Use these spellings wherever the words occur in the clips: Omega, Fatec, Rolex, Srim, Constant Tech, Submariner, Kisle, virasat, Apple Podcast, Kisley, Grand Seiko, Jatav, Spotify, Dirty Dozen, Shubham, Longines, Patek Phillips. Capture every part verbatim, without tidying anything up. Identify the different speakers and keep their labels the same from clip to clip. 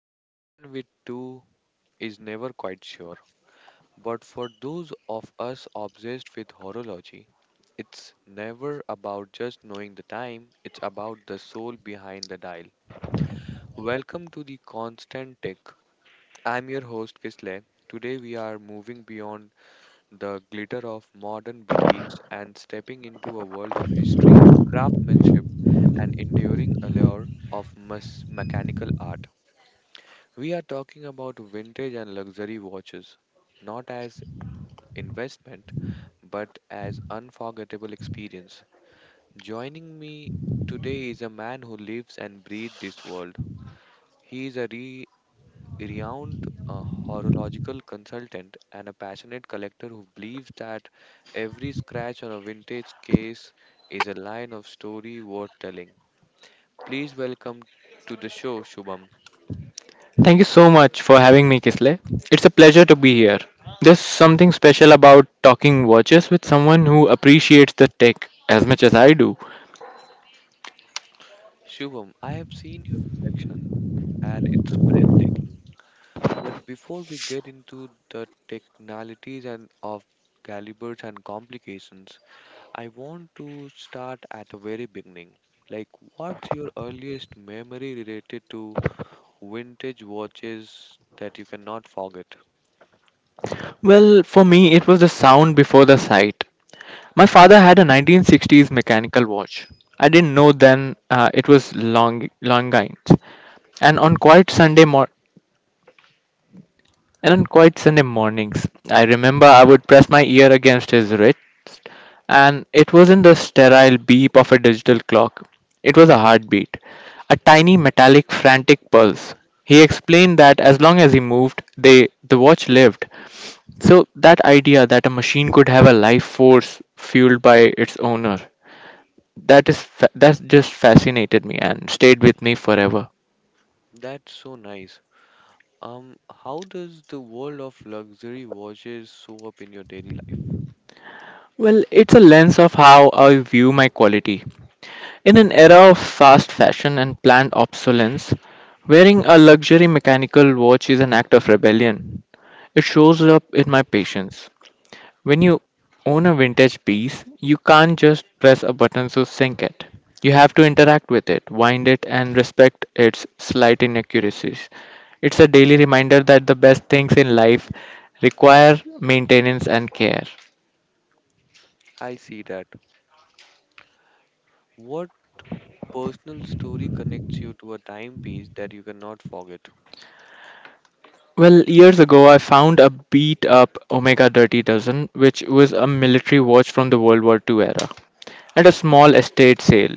Speaker 1: but a man with two is never quite sure. But for those of us obsessed with horology, it's never about just knowing the time, it's about the soul behind the dial. Welcome to the Constant Tech. I'm your host Kisle. Today we are moving beyond the glitter of modern boutiques and stepping into a world of history, craftsmanship, and enduring allure of mes- mechanical art. We are talking about vintage and luxury watches, not as investment, but as unforgettable experience. Joining me today is a man who lives and breathes this world. He is a re- renowned uh, horological consultant and a passionate collector who believes that every scratch on a vintage case is a line of story worth telling. Please welcome to the show, Shubham.
Speaker 2: thank you so much for having me Kisle. It's a pleasure to be here. There's something special about talking watches with someone who appreciates the tech as much as I do.
Speaker 1: Shubham, I have seen your collection and it's breathtaking. But before we get into the technicalities and of calibers and complications, I want to start at the very beginning. Like, what's your earliest memory related to vintage watches that you cannot forget?
Speaker 2: Well, for me it was the sound before the sight. My father had a nineteen sixties mechanical watch. I didn't know then uh, it was long longines. and on quiet sunday morning And on quiet Sunday mornings, I remember I would press my ear against his wrist, and it wasn't the sterile beep of a digital clock. It was a heartbeat, a tiny metallic frantic pulse. He explained that as long as he moved, they the watch lived. So that idea that a machine could have a life force fueled by its owner, that is fa- that just fascinated me and stayed with me forever.
Speaker 1: That's so nice. Um, how does the world of luxury watches show up in your daily life?
Speaker 2: Well, it's a lens of how I view my quality. In an era of fast fashion and planned obsolescence, wearing a luxury mechanical watch is an act of rebellion. It shows up in my patience. When you own a vintage piece, you can't just press a button to sync it. You have to interact with it, wind it, and respect its slight inaccuracies. It's a daily reminder that the best things in life require maintenance and care.
Speaker 1: I see that. What personal story connects you to a timepiece that you cannot forget?
Speaker 2: Well, years ago, I found a beat up Omega Dirty Dozen, which was a military watch from the World War two era, at a small estate sale.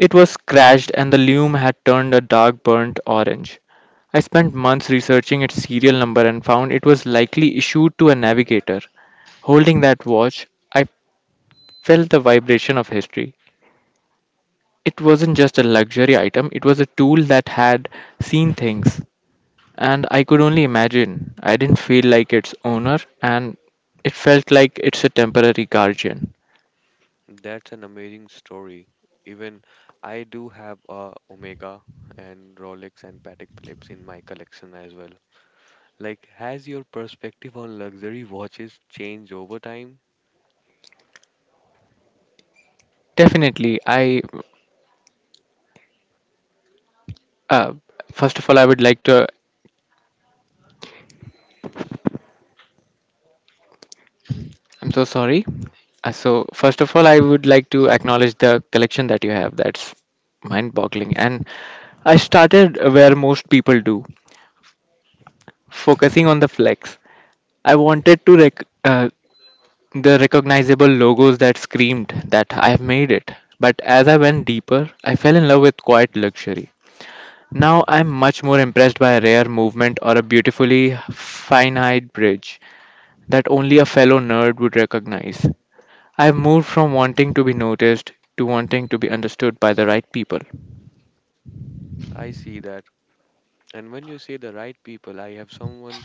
Speaker 2: It was scratched and the lume had turned a dark burnt orange. I spent months researching its serial number and found it was likely issued to a navigator. Holding that watch, I felt the vibration of history. It wasn't just a luxury item, it was a tool that had seen things. And I could only imagine. I didn't feel like its owner, and it felt like it's a temporary guardian.
Speaker 1: That's an amazing story. Even I do have a Omega and Rolex and Patek Phillips in my collection as well. Like, has your perspective on luxury watches changed over time?
Speaker 2: Definitely, I. Uh, first of all, I would like to. I'm so sorry. Uh, so, first of all, I would like to acknowledge the collection that you have. That's mind boggling. And I started where most people do, focusing on the flex. I wanted to rec- uh, The recognizable logos that screamed that I've made it. But as I went deeper, I fell in love with quiet luxury. Now I'm much more impressed by a rare movement or a beautifully fine-eyed bridge that only a fellow nerd would recognize. I've moved from wanting to be noticed to wanting to be understood by the right people.
Speaker 1: I see that. And when you say the right people, I have someone,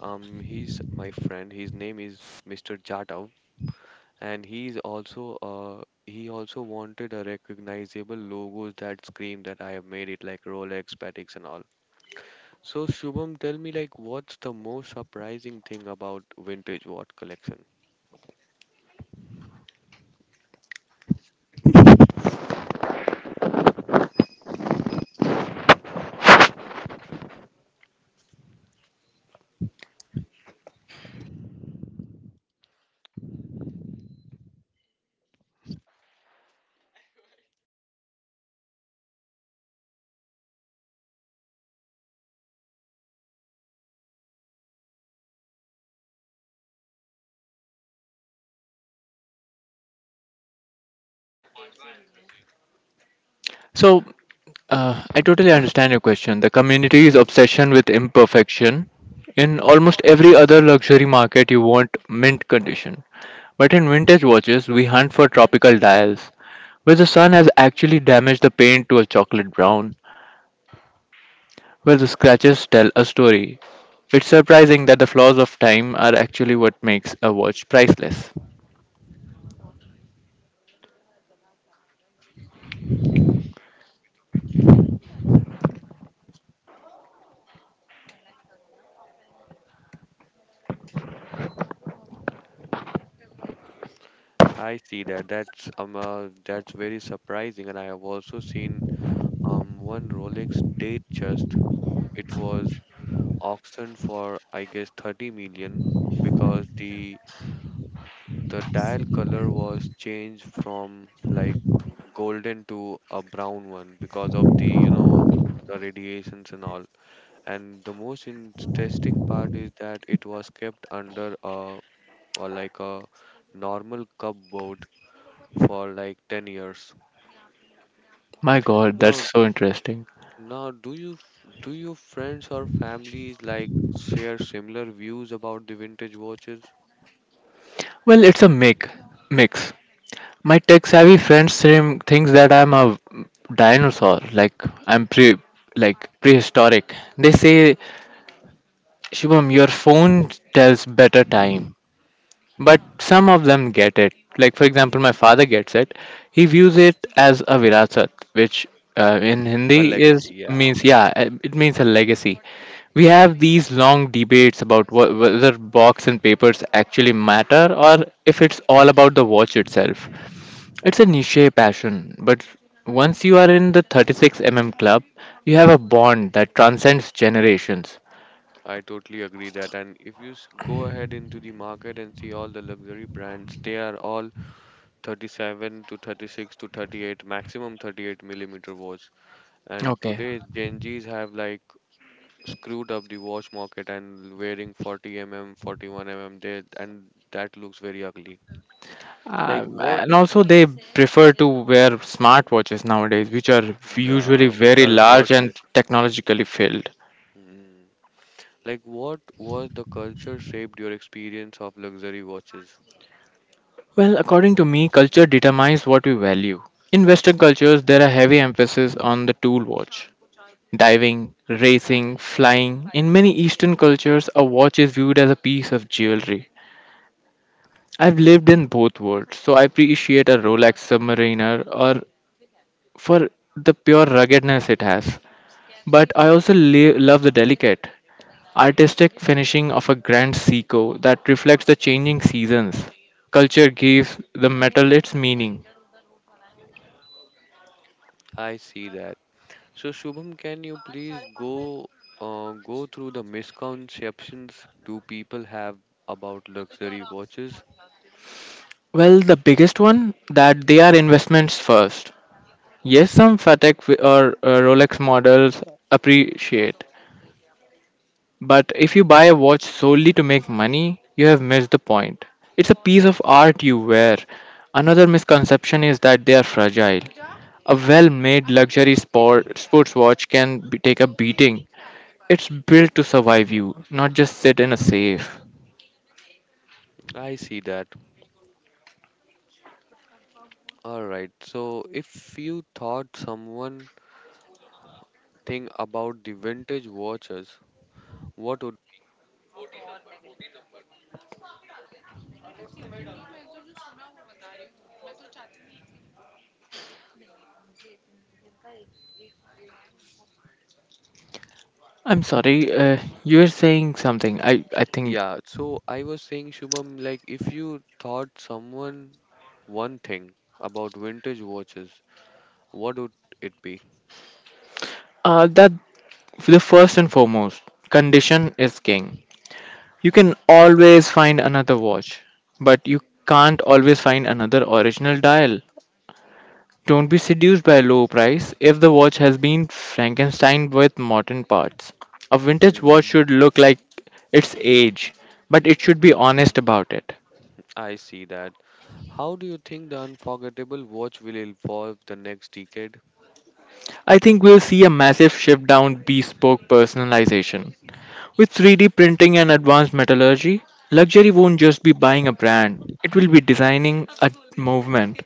Speaker 1: um, he's my friend. His name is mister Jatav and he's also uh he also wanted a recognizable logos that scream that I have made it like Rolex, Patek's and all. So Shubham, tell me like what's the most surprising thing about vintage watch collection?
Speaker 2: So, uh, I totally understand your question. The community's obsession with imperfection. In almost every other luxury market, you want mint condition. But in vintage watches, we hunt for tropical dials, where the sun has actually damaged the paint to a chocolate brown, where the scratches tell a story. It's surprising that the flaws of time are actually what makes a watch priceless.
Speaker 1: I see that. That's um uh, that's very surprising, and I have also seen um one Rolex date just w- it was auctioned for I guess thirty million because the the dial color was changed from like golden to a brown one because of the you know the radiations and all, and the most interesting part is that it was kept under a, or like a, normal cupboard for like ten years.
Speaker 2: My god,
Speaker 1: now
Speaker 2: that's so interesting.
Speaker 1: now do you f- do your friends or families like share similar views about the vintage watches?
Speaker 2: Well, it's a mix. Mix. My tech-savvy friend Srim thinks that I'm a dinosaur, like I'm pre, like prehistoric. They say, Shubham, your phone tells better time. But some of them get it. Like for example, my father gets it. He views it as a virasat, which uh, in
Speaker 1: A
Speaker 2: Hindi
Speaker 1: legacy,
Speaker 2: is
Speaker 1: yeah.
Speaker 2: means yeah, uh, it means a legacy. We have these long debates about wh- whether box and papers actually matter or if it's all about the watch itself. It's a niche passion, but once you are in the thirty-six millimeter club, you have a bond that transcends generations.
Speaker 1: I totally agree that, and if you s- go ahead into the market and see all the luxury brands, they are all thirty-seven to thirty-six to thirty-eight, maximum thirty-eight millimeter watch. And
Speaker 2: Okay.
Speaker 1: today gen z's have like screwed up the watch market and wearing forty millimeters forty-one millimeters, they, and that looks very ugly. Like
Speaker 2: Um,
Speaker 1: what?
Speaker 2: and also they prefer to wear smartwatches nowadays, which are usually
Speaker 1: Yeah, which
Speaker 2: very
Speaker 1: are
Speaker 2: large and
Speaker 1: worthless.
Speaker 2: technologically filled.
Speaker 1: Mm. Like what was the culture shaped your experience of luxury watches?
Speaker 2: Well, according to me, culture determines what we value. In Western cultures, there are heavy emphasis on the tool watch. Diving, racing, flying. In many Eastern cultures, a watch is viewed as a piece of jewelry. I've lived in both worlds, so I appreciate a Rolex Submariner or for the pure ruggedness it has. But I also le- love the delicate, artistic finishing of a grand seiko that reflects the changing seasons. Culture gives the metal its meaning.
Speaker 1: I see that. So Shubham, can you please go uh, go through the misconceptions do people have about luxury watches?
Speaker 2: Well, the biggest one that they are investments first. Yes, some Fatec wi- or uh, Rolex models appreciate, but if you buy a watch solely to make money, you have missed the point. It's a piece of art you wear. Another misconception is that they are fragile. A well made luxury sport, sports watch can be, take a beating. It's built to survive you, not just sit in a safe.
Speaker 1: I see that. All right. So, if you thought someone thing about the vintage watches, what would—
Speaker 2: I'm sorry, uh, you were saying something. I, I think
Speaker 1: Yeah, so I was saying Shubham, like if you thought someone one thing about vintage watches, what would it be?
Speaker 2: uh, that the first and foremost, condition is king. You can always find another watch, but you can't always find another original dial. Don't be seduced by a low price if the watch has been Frankenstein with modern parts. A vintage watch
Speaker 1: Hmm.
Speaker 2: should look like its age, but it should be honest about it.
Speaker 1: I see that. How do you think the unforgettable watch will evolve the next decade?
Speaker 2: I think we'll see a massive shift down bespoke personalization. With three D printing and advanced metallurgy, luxury won't just be buying a brand, it will be designing a movement.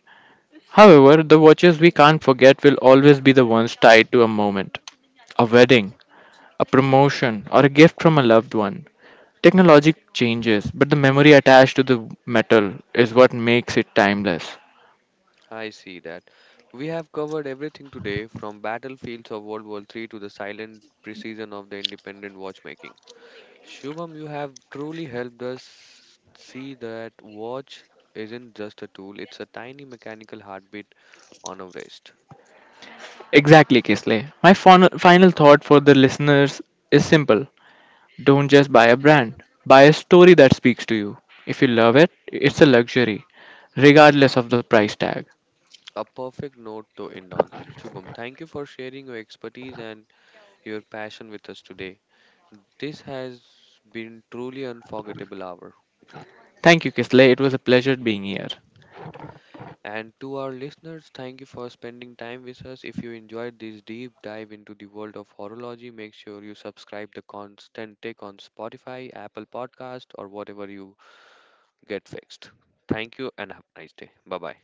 Speaker 2: However, the watches we can't forget will always be the ones tied to a moment, a wedding, a promotion, or a gift from a loved one. Technology changes, but the memory attached to the metal is what makes it timeless.
Speaker 1: I see that. We have covered everything today from battlefields of World War Three to the silent precision of the independent watchmaking. Shubham, you have truly helped us see that watch isn't just a tool, it's a tiny mechanical heartbeat on a wrist.
Speaker 2: Exactly, Kisley. My fon- final thought for the listeners is simple. Don't just buy a brand, buy a story that speaks to you. If you love it, it's a luxury, regardless of the price tag.
Speaker 1: A perfect note to end on. Shubham, thank you for sharing your expertise and your passion with us today. This has been truly unforgettable hour.
Speaker 2: Thank you, Kisley. It was a pleasure being here.
Speaker 1: And to our listeners, thank you for spending time with us. If you enjoyed this deep dive into the world of horology, make sure you subscribe the Constant Tech on Spotify, Apple Podcast, or whatever you get fixed. Thank you and have a nice day. Bye bye.